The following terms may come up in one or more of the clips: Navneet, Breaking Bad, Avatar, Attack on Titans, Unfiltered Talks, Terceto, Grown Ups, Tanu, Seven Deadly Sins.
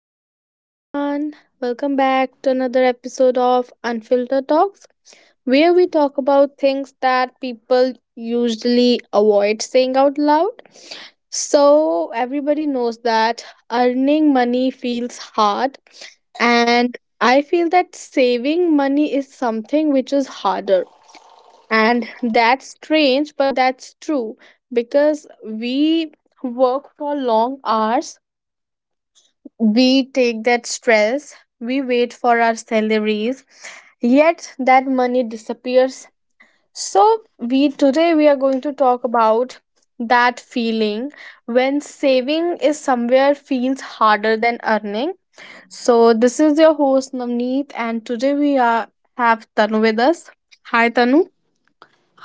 Hello, everyone. Welcome back to another episode of Unfiltered Talks, where we talk about things that people usually avoid saying out loud. So, everybody knows that earning money feels hard, and I feel that saving money is something which is harder. And that's strange, but that's true because we work for long hours, we take that stress, we wait for our salaries, yet that money disappears. So we today we are going to talk about that feeling when saving is somewhere feels harder than earning. So this is your host Navneet, and today we are have Tanu with us. Hi Tanu.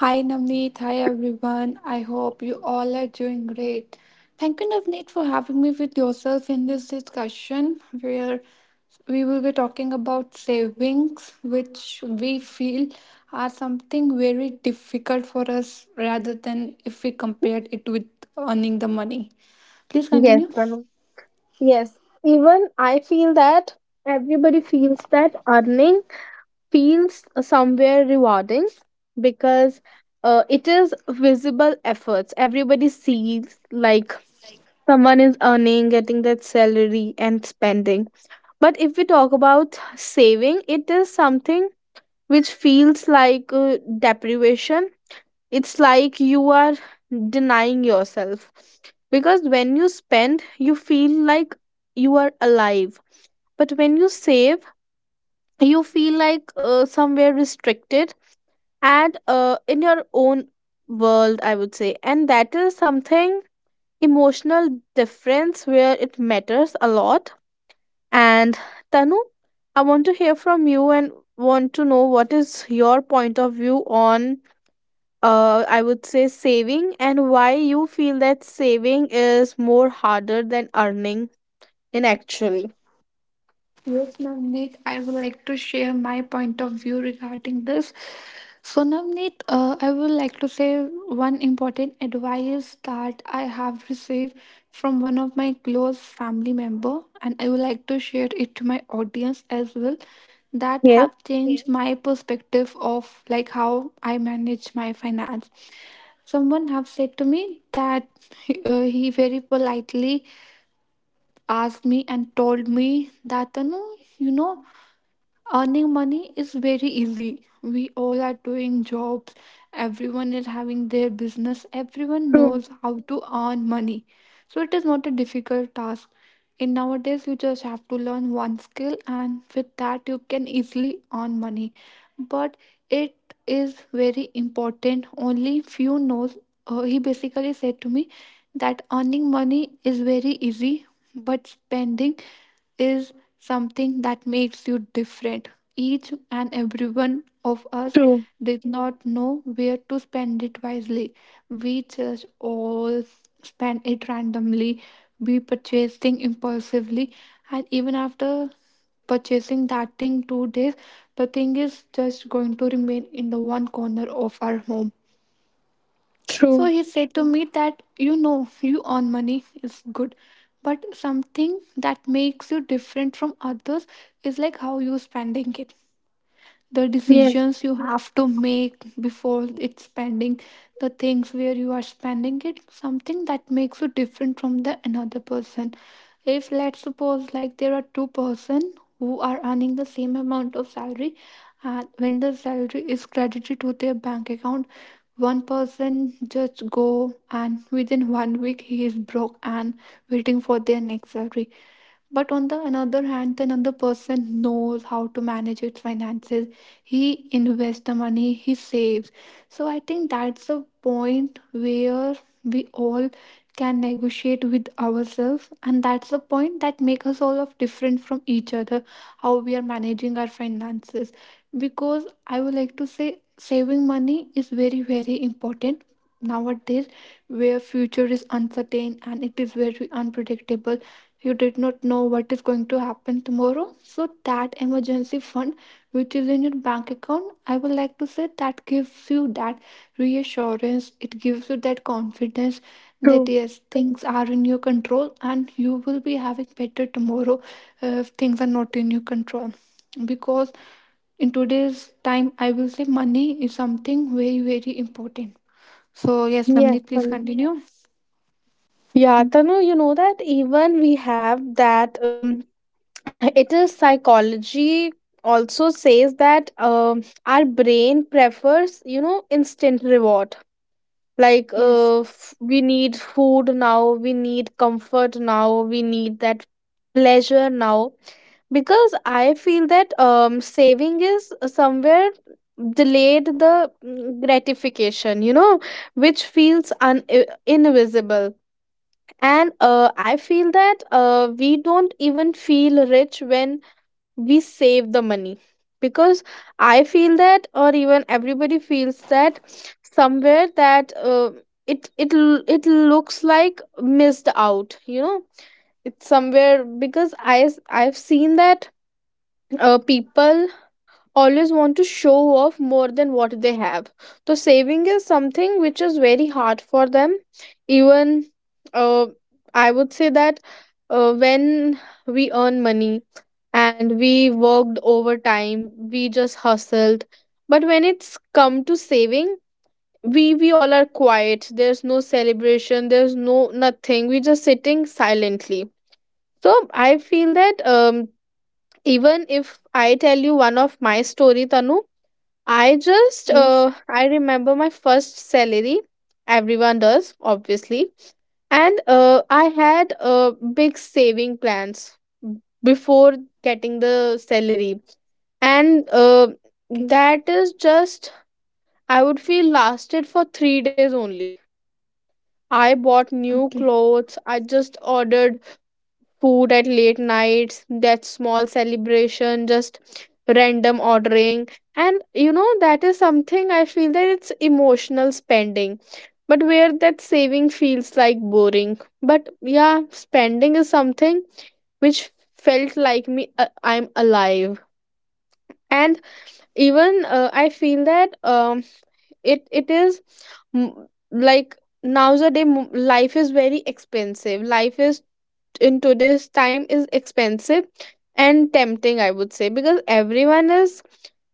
Hi Navneet, hi everyone. I hope you all are doing great. Thank you Navneet for having me with yourself in this discussion where we will be talking about savings which we feel are something very difficult for us rather than if we compared it with earning the money. Please Yes, continue. Tanu. Yes. Even I feel that everybody feels that earning feels somewhere rewarding, because it is visible efforts, everybody sees like someone is earning, getting that salary and spending. But if we talk about saving, it is something which feels like deprivation. It's like you are denying yourself, because when you spend you feel like you are alive, but when you save you feel like somewhere restricted, and in your own world, I would say. And that is something emotional difference where it matters a lot. And Tanu, I want to hear from you, and want to know what is your point of view on, I would say, saving, and why you feel that saving is more harder than earning, in actually. Yes, Navneet, I would like to share my point of view regarding this. So, Navneet, I would like to say one important advice that I have received from one of my close family member, and I would like to share it to my audience as well. That Yes, have changed my perspective of like how I manage my finance. Someone have said to me that he very politely asked me and told me that you know earning money is very easy, we all are doing jobs, everyone is having their business, everyone true, knows how to earn money, so it is not a difficult task. In nowadays you just have to learn one skill and with that you can easily earn money, but it is very important, only few knows. He basically said to me that earning money is very easy, but spending is something that makes you different. Each and every one of us true, did not know where to spend it wisely. We just all spent it randomly. We purchased things impulsively, and even after purchasing that thing 2 days, the thing is just going to remain in the one corner of our home. So true. he said to me that you know, you earn money is good, but something that makes you different from others is like how you spending it, the Yes, decisions you have to make before it's spending, the things where you are spending it, something that makes you different from the another person. If let's suppose like there are two-person who are earning the same amount of salary, and when the salary is credited to their bank account, one person just go and within 1 week he is broke and waiting for their next salary, but on the another hand the another person knows how to manage its finances. He invests the money, he saves. So I think that's the point where we all can negotiate with ourselves, and that's the point that make us all of different from each other, how we are managing our finances. Because I would like to say saving money is very very important nowadays, where future is uncertain and it is very unpredictable. You did not know what is going to happen tomorrow, so that emergency fund which is in your bank account, I would like to say that gives you that reassurance, it gives you that confidence true. that yes, things are in your control and you will be having better tomorrow, if things are not in your control. Because in today's time I will say money is something very very important. So yes Yes. namneet, please continue. Yeah, Mhm. Tanu, you know that even we have that, it is psychology also says that our brain prefers, you know, instant reward. Like Yes, we need food now, we need comfort now, we need that pleasure now. Because I feel that saving is somewhere delayed the gratification, which feels invisible, and I feel that we don't even feel rich when we save the money. Because I feel that, or even everybody feels that somewhere that it looks like missed out. It's somewhere, because I've seen that people always want to show off more than what they have, so saving is something which is very hard for them. Even uh, I would say that when we earn money and we worked overtime, we just hustled. But when it's come to saving, we all are quiet, there's no celebration, there's no nothing, we just sitting silently. So I feel that even if I tell you one of my story, Tanu. I just yes. I remember my first salary. Everyone does, obviously. And I had big saving plans before getting the salary. And Okay. that is just, I would feel, lasted for 3 days only. I bought new Okay. clothes, I just ordered food at late nights, that small celebration, just random ordering. And that is something I feel that it's emotional spending, but where that saving feels like boring. But yeah, spending is something which felt like me, I'm alive. And even I feel that it is, mm, like nowadays life is very expensive, life is, in today's time, is expensive and tempting, I would say, because everyone is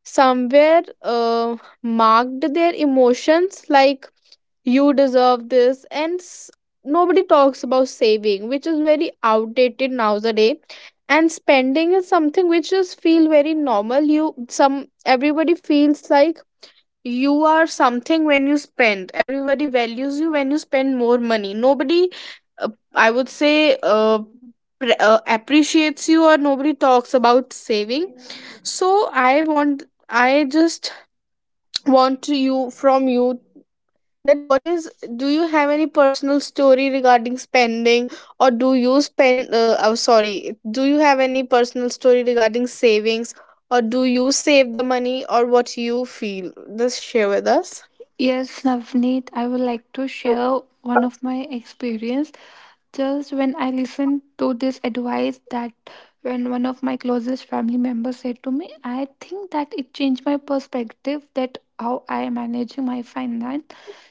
somewhere uh, marked their emotions, like you deserve this, and nobody talks about saving, which is very outdated nowadays. And spending is something which just feel very normal, you some everybody feels like you are something, when you spend everybody values you, when you spend more money nobody uh, I would say appreciates you, or nobody talks about saving. So I just want to you from you that, what is do you have any personal story regarding spending, or do you spend oh, sorry, do you have any personal story regarding savings, or do you save the money, or what you feel, just share with us. Yes, Navneet, I would like to True. share one of my experience. Just when I listened to this advice that when one of my closest family members said to me, I think that it changed my perspective that how I am managing my finance.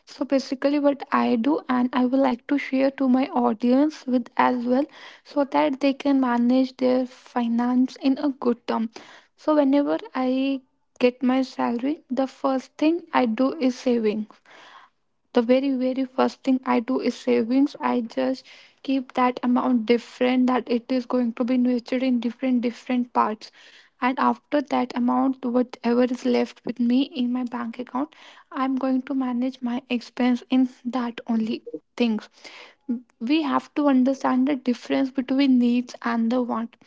So basically what I do, and I would like to share to my audience with as well so that they can manage their finance in a good term. So whenever I get my salary, the first thing I do is savings. The very, very first thing I do is savings. I just keep that amount different, that it is going to be nurtured in different, different parts. And after that amount, whatever is left with me in my bank account, I'm going to manage my expense in that only things. We have to understand the difference between needs and the want.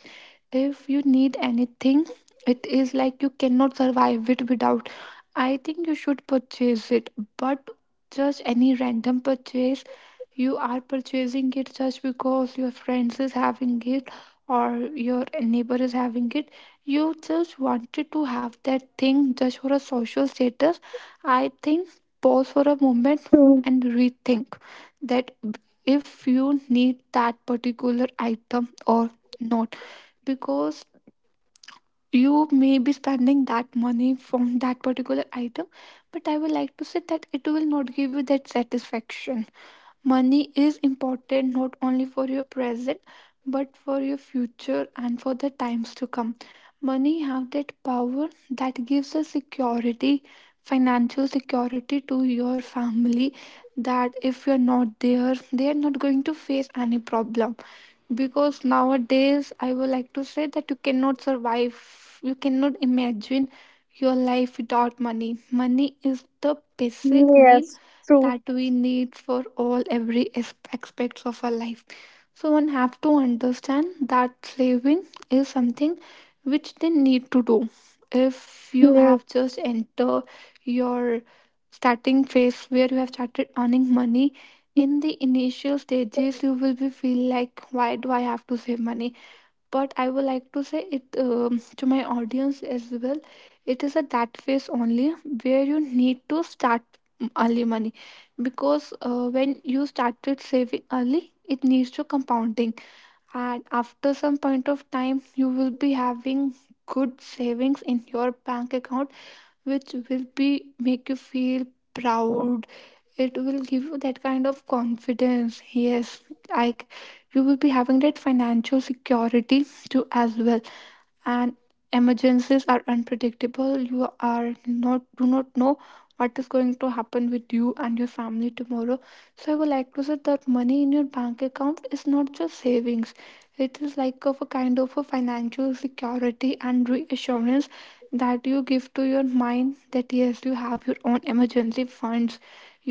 If you need anything, it is like you cannot survive it without, I think you should purchase it. But just any random purchase you are purchasing it just because your friends is having it, or your neighbor is having it, you just wanted to have that thing just for a social status. I think pause for a moment and rethink that if you need that particular item or not, because you may be spending that money from that particular item, but I would like to say that it will not give you that satisfaction. Money is important not only for your present but for your future and for the times to come. Money have that power that gives a security, financial security to your family, that if you're not there, they are not going to face any problem. Because nowadays I would like to say that you cannot survive, you cannot imagine your life without money. Money is the basic need Yes, true. that we need for all every aspects of our life. So one have to understand that saving is something which they need to do. If you Yes, have just enter your starting phase where you have started earning money, in the initial stages you will be feel like why do I have to save money, but I would like to say it to my audience as well, it is at that phase only where you need to start early money. Because when you started saving early it needs to compounding, and after some point of time you will be having good savings in your bank account, which will be make you feel proud. It will give you that kind of confidence, yes, like you will be having that financial security too as well. And emergencies are unpredictable, you are not do not know what is going to happen with you and your family tomorrow. So I would like to say that money in your bank account is not just savings, it is like of a kind of a financial security and reassurance, that you give to your mind that yes, you have your own emergency funds,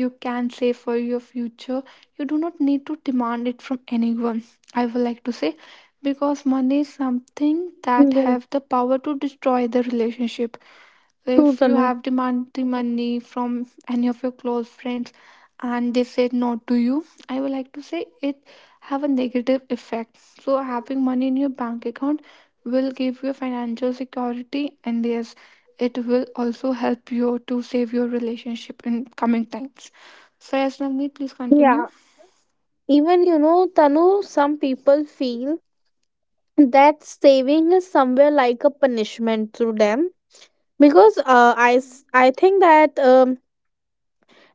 you can save for your future, you do not need to demand it from anyone. I would like to say, because money is something that yes, have the power to destroy the relationship. true, If you Tanu. have demanded money from any of your close friends and they said no to you, I would like to say it have a negative effect. So having money in your bank account will give you financial security, and yes, it will also help you to save your relationship in coming times. So yes Navneet, please continue. Yeah, even you know, Tanu, some people feel that saving is somewhere like a punishment to them, because I think that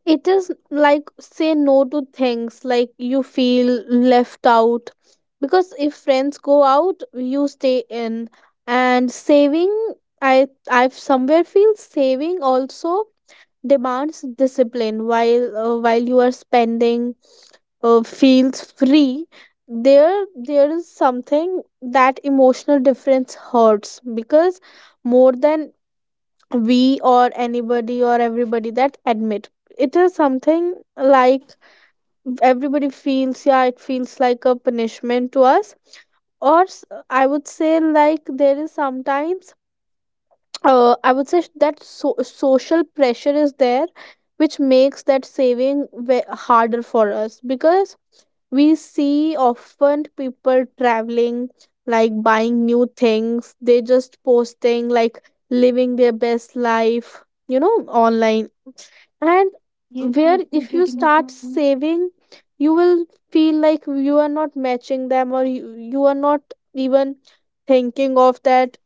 it is like say no to things, like you feel left out, because if friends go out, you stay in. And saving, i I've somewhere feel saving also demands discipline, while while you are spending feels free. There is something, that emotional difference hurts, because more than we or anybody or everybody that admit, it is something like everybody feels, yeah, it feels like a punishment to us, or I would say, like, there is sometimes, I would say, social pressure is there, which makes that saving harder for us, because we see often people traveling, like buying new things, they just posting, like living their best life, you know, online. And Yes where, yes, I'm if you getting your start point. saving, you will feel like you are not matching them, or you are not even thinking of that.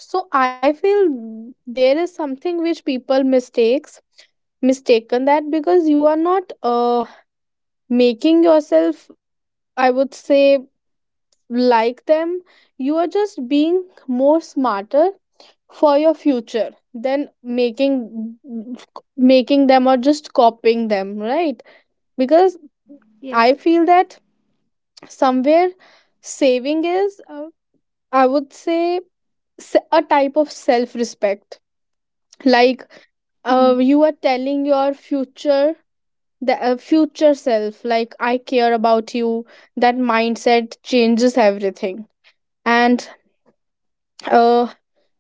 So I feel there is something which people mistakes mistaken, that because you are not making yourself, I would say, like them, you are just being more smarter for your future than making, them or just copying them, right? Because Yes. I feel that somewhere saving is, I would say, a type of self respect, like, Hmm. You are telling your future, the future self, like, I care about you. That mindset changes everything. And uh,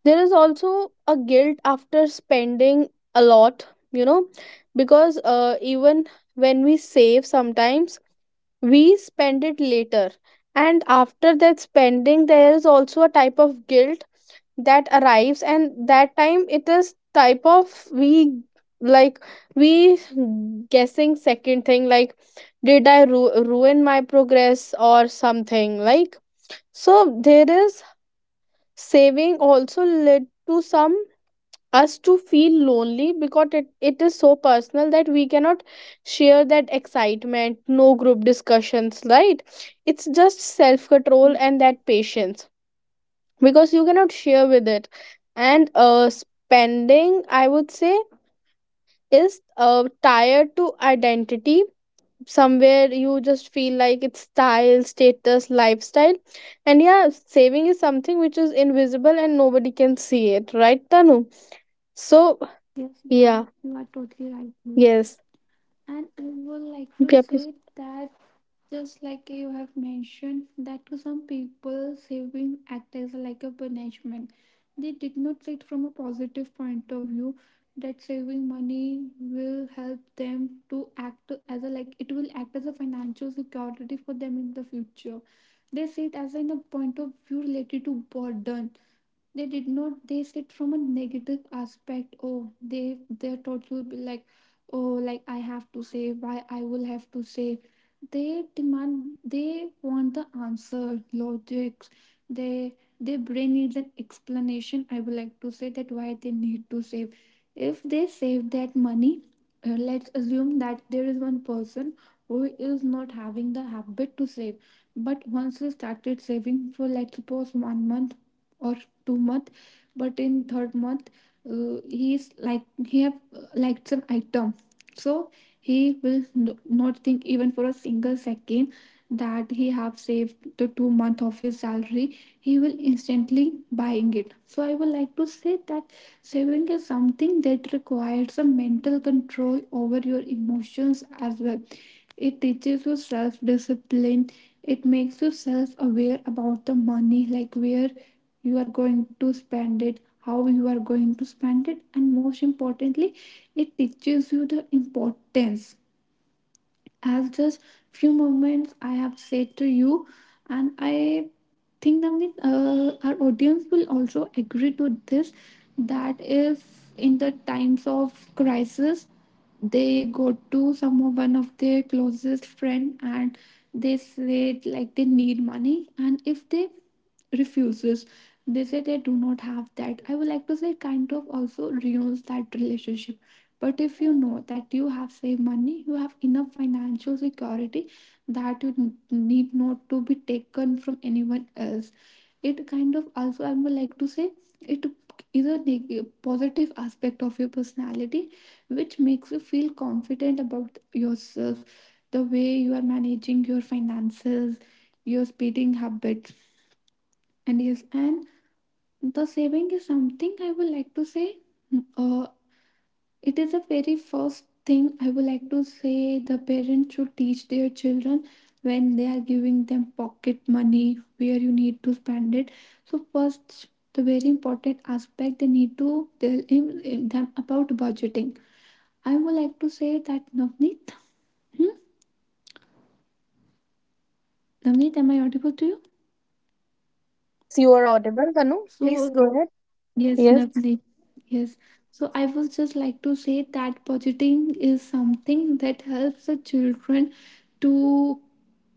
there is also a guilt after spending a lot, you know, because even when we save sometimes, we spend it later, and after that spending there is also a type of guilt that arrives. And that time it is type of, we like we guessing second thing, like, ruin my progress or something, like. So there is, saving also led to some, us to feel lonely, because it is so personal that we cannot share that excitement, no group discussions, right? It's just self control Yes. and that patience, because you cannot share with it. And spending, I would say, is tied to identity, somewhere you just feel like it's style, status, lifestyle. And yeah, saving is something which is invisible and nobody can see it, right, Tanu? So Yes, yeah. Navneet, you are totally right here. Yes. And I would like Yeah, to please. say that just like you have mentioned, that to some people, saving act as like a punishment. They did not see it from a positive point of view that saving money will help them to act as a like it will act as a financial security for them in the future. They see it as in a point of view related to burden, they did not, they sit from a negative aspect. Oh, they, their thoughts will be like, oh, like I have to save, why I will have to save. They demand, they want the answer, logics, they, their brain needs an explanation. I would like to say that why they need to save. If they save that money, let's assume that there is one person who is not having the habit to save, but once they started saving for let's suppose 1 month or 2 month, but in third month, he is like he have liked some item. So he will not think even for a single second that he have saved the 2 month of his salary, he will instantly buying it. So I would like to say that saving is something that requires a mental control over your emotions as well. It teaches you self discipline. It makes you self aware about the money, like where you are going to spend it, how you are going to spend it, and most importantly, it teaches you the importance. As just few moments I have said to you, and I think that our audience will also agree to this, that if in the times of crisis they go to some of one of their closest friend and they say like they need money, and if they refuses, they say they do not have that, I would like to say kind of also ruins that relationship. But if you know that you have saved money, you have enough financial security, that you need not to be taken from anyone else, it kind of also, I would like to say, it is a positive aspect of your personality, which makes you feel confident about yourself, the way you are managing your finances, your spending habits. And yes, and the saving is something I would like to say. Mm, Uh, it is the very first thing I would like to say the parents should teach their children when they are giving them pocket money where you need to spend it. So first, the very important aspect they need to tell them about budgeting. I would like to say that Navneet, hmm? Navneet, am I audible to you? Yes, you are audible, Tanu, please So go ahead. yes, Yes. Navneet. Yes. So I would just like to say that budgeting is something that helps the children to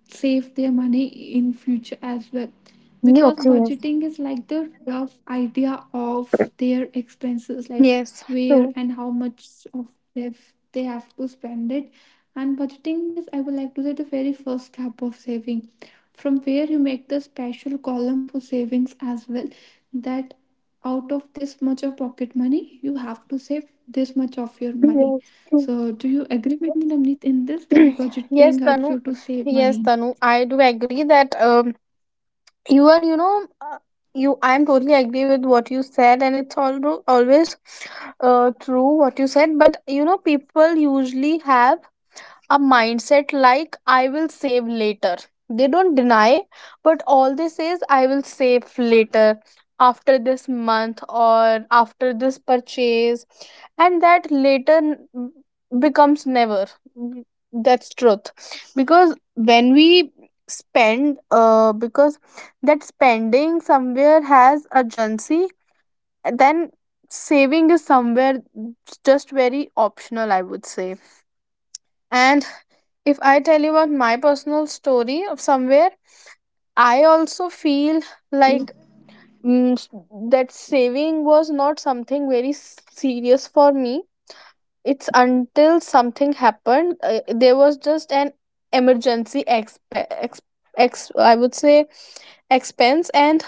save their money in future as well, Yeah, because okay, yes. budgeting is like the rough idea of their expenses, like Yes, where true. and how much of they they have to spend it. And budgeting is, I would like to say, the very first step of saving, from where you make the special column for savings as well, that out of this much of pocket money you have to save this much of your money. Yes, true. So do you agree with me, Namneet, in this that Yes, budgeting helps Tanu. you to save Yes, money? Tanu, I do agree that even you know, uh, you I'm totally agree with what you said, and it's all always true what you said. But you know, people usually have a mindset, like, I will save later. They don't deny, but all they say is, I will save later, after this month or after this purchase, and that later becomes never. Mm, That's truth, because when we spend, because that spending somewhere has urgency, then saving is somewhere just very optional, I would say. And if I tell you about my personal story of somewhere, I also feel Yes. like, mm, s- that saving was not something very serious for me. It's until something happened. There was just an emergency ex- I would say expense, and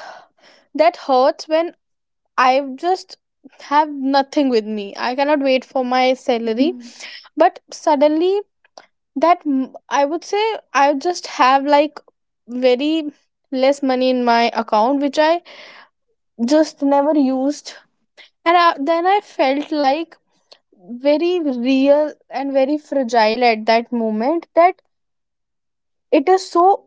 that hurts when I just have nothing with me. I cannot wait for my salary, Mhm. but suddenly that m- I would say, I just have like very less money in my account which I just never used. And then I felt like very real and very fragile at that moment, that it is so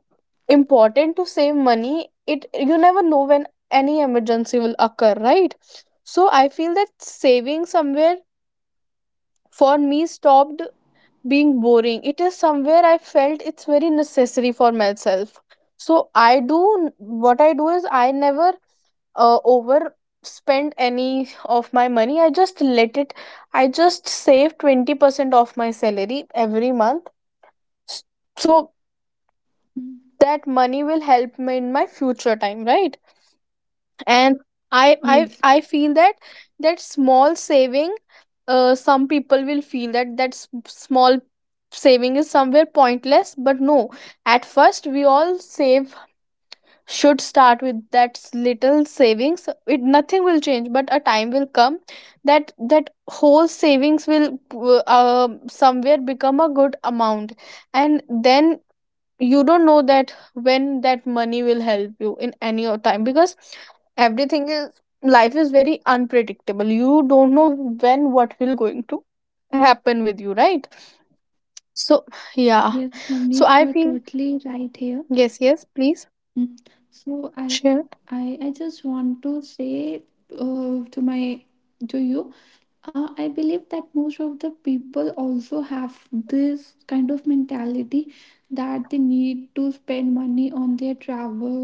important to save money, it, you never know when any emergency will occur, right? So I feel that saving somewhere for me stopped being boring. It is somewhere I felt it's very necessary for myself. So I do, what I do is I never over spend any of my money. I just let it. I just save 20% of my salary every month. S- So Mhm. that money will help me in my future time, right? And I I Yes, I feel that, that small saving, some people will feel that that small saving is somewhere pointless, but no, at first we all save should start with that little savings, it nothing will change, but a time will come that that whole savings will somewhere become a good amount. And then you don't know that when that money will help you in any of time, because everything is, life is very unpredictable, you don't know when what will going to happen with you, right? So yeah. yes, So Namneet, you I are feel. totally right here. Yes, yes, please Mm. So i share. I just want to say to my to you, I believe that most of the people also have this kind of mentality that they need to spend money on their travel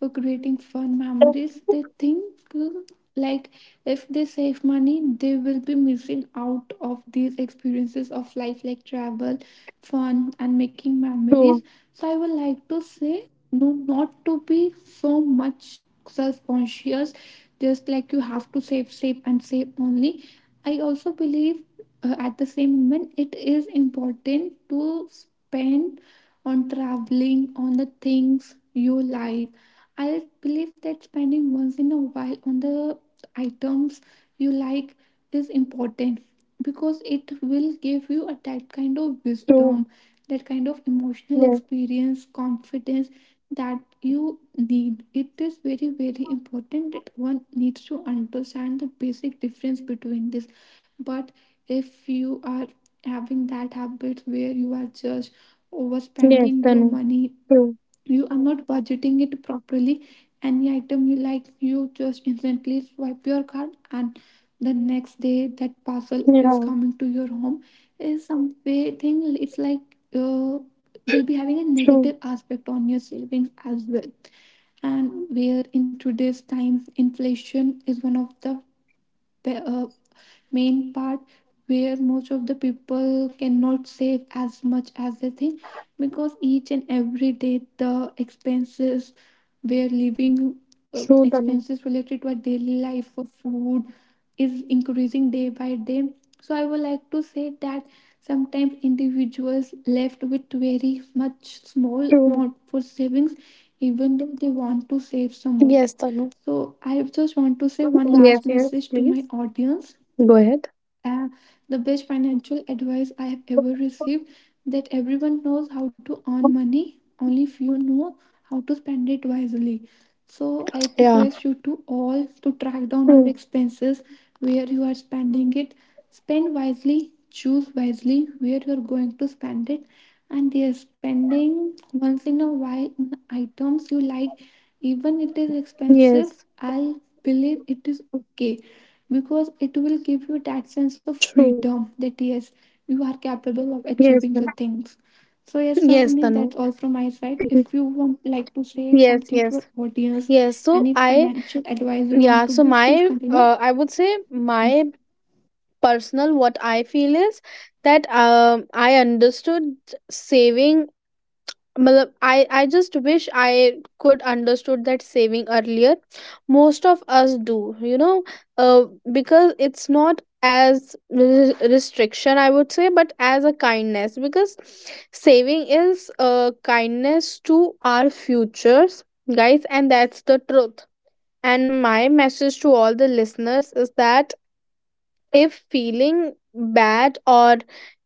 for creating fun memories. They think uh, like, if they save money they will be missing out of these experiences of life, like travel, fun and making memories. True, So I would like to say no, not to be so much self-conscious, just like you have to save, save and save only. I also believe, at the same moment, it is important to spend on traveling, on the things you like. I believe that spending once in a while on the items you like is important, because it will give you a, that kind of true, wisdom, that kind of emotional yes, experience, confidence that you need. It is very, very important that one needs to understand the basic difference between this. But if you are having that habit where you are just yes, overspending your Tanu. money, True, you are not budgeting it properly, any item you like, you just instantly swipe your card, and the next day that parcel is yeah, coming to your home, is some way thing it's like uh, will be having a true, negative aspect on your savings as well. And where in today's times inflation is one of the pa- uh, main part, where most of the people cannot save as much as they think, because each and every day the expenses, where living true, Tanu. expenses related to our daily life for food is increasing day by day. So I would like to say that sometimes individuals left with very much small True, amount for savings, even though they want to save some more. yes, Tanu. So, I just want to say one last Yes, yes, message to please my audience. go ahead. uh, the best financial advice I have ever received: that everyone knows how to earn money, only few know how to spend it wisely. So I Yeah, request you to all to track down your true, expenses, where you are spending it, spend wisely, choose wisely where you are going to spend it, and yes, spending once in a while on items you like, even it is expensive. yes, I believe it is okay, because it will give you that sense of true. freedom, that yes, you are capable of Yes, achieving the Tanu. things. So yes, Namni, Yes, that's Tanu. all from my side. If Mhm. you want like to say Yes, something to your yes, audience, yes. So any I, financial advice you want yeah, to so give, please my, continue. I would say, my personal, what I feel is that I understood saving matlab, I just wish I could understood that saving earlier. Most of us do, you know, uh, because it's not as restriction, I would say, but as a kindness. Because saving is a kindness to our futures, guys, and that's the truth. And my message to all the listeners is that, if feeling bad or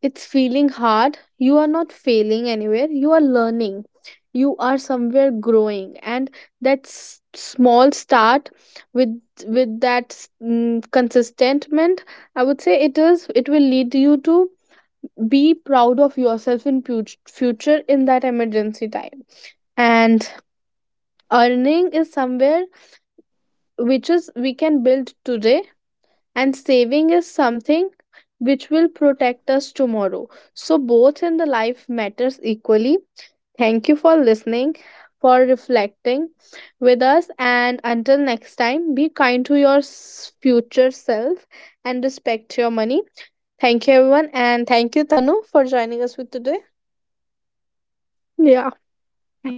it's feeling hard, you are not failing anywhere, you are learning, you are somewhere growing, and that small start with that consistentment, I would say, it is, it will lead you to be proud of yourself in future, in that emergency time. And earning is somewhere which is we can build today, and saving is something which will protect us tomorrow. So, both in the life matters equally. Thank you for listening, for reflecting with us, and until next time, be kind to your future self and respect your money. Thank you, everyone, and thank you, Tanu, for joining us with today. Thank you, Navni. Yeah. Thank you everyone.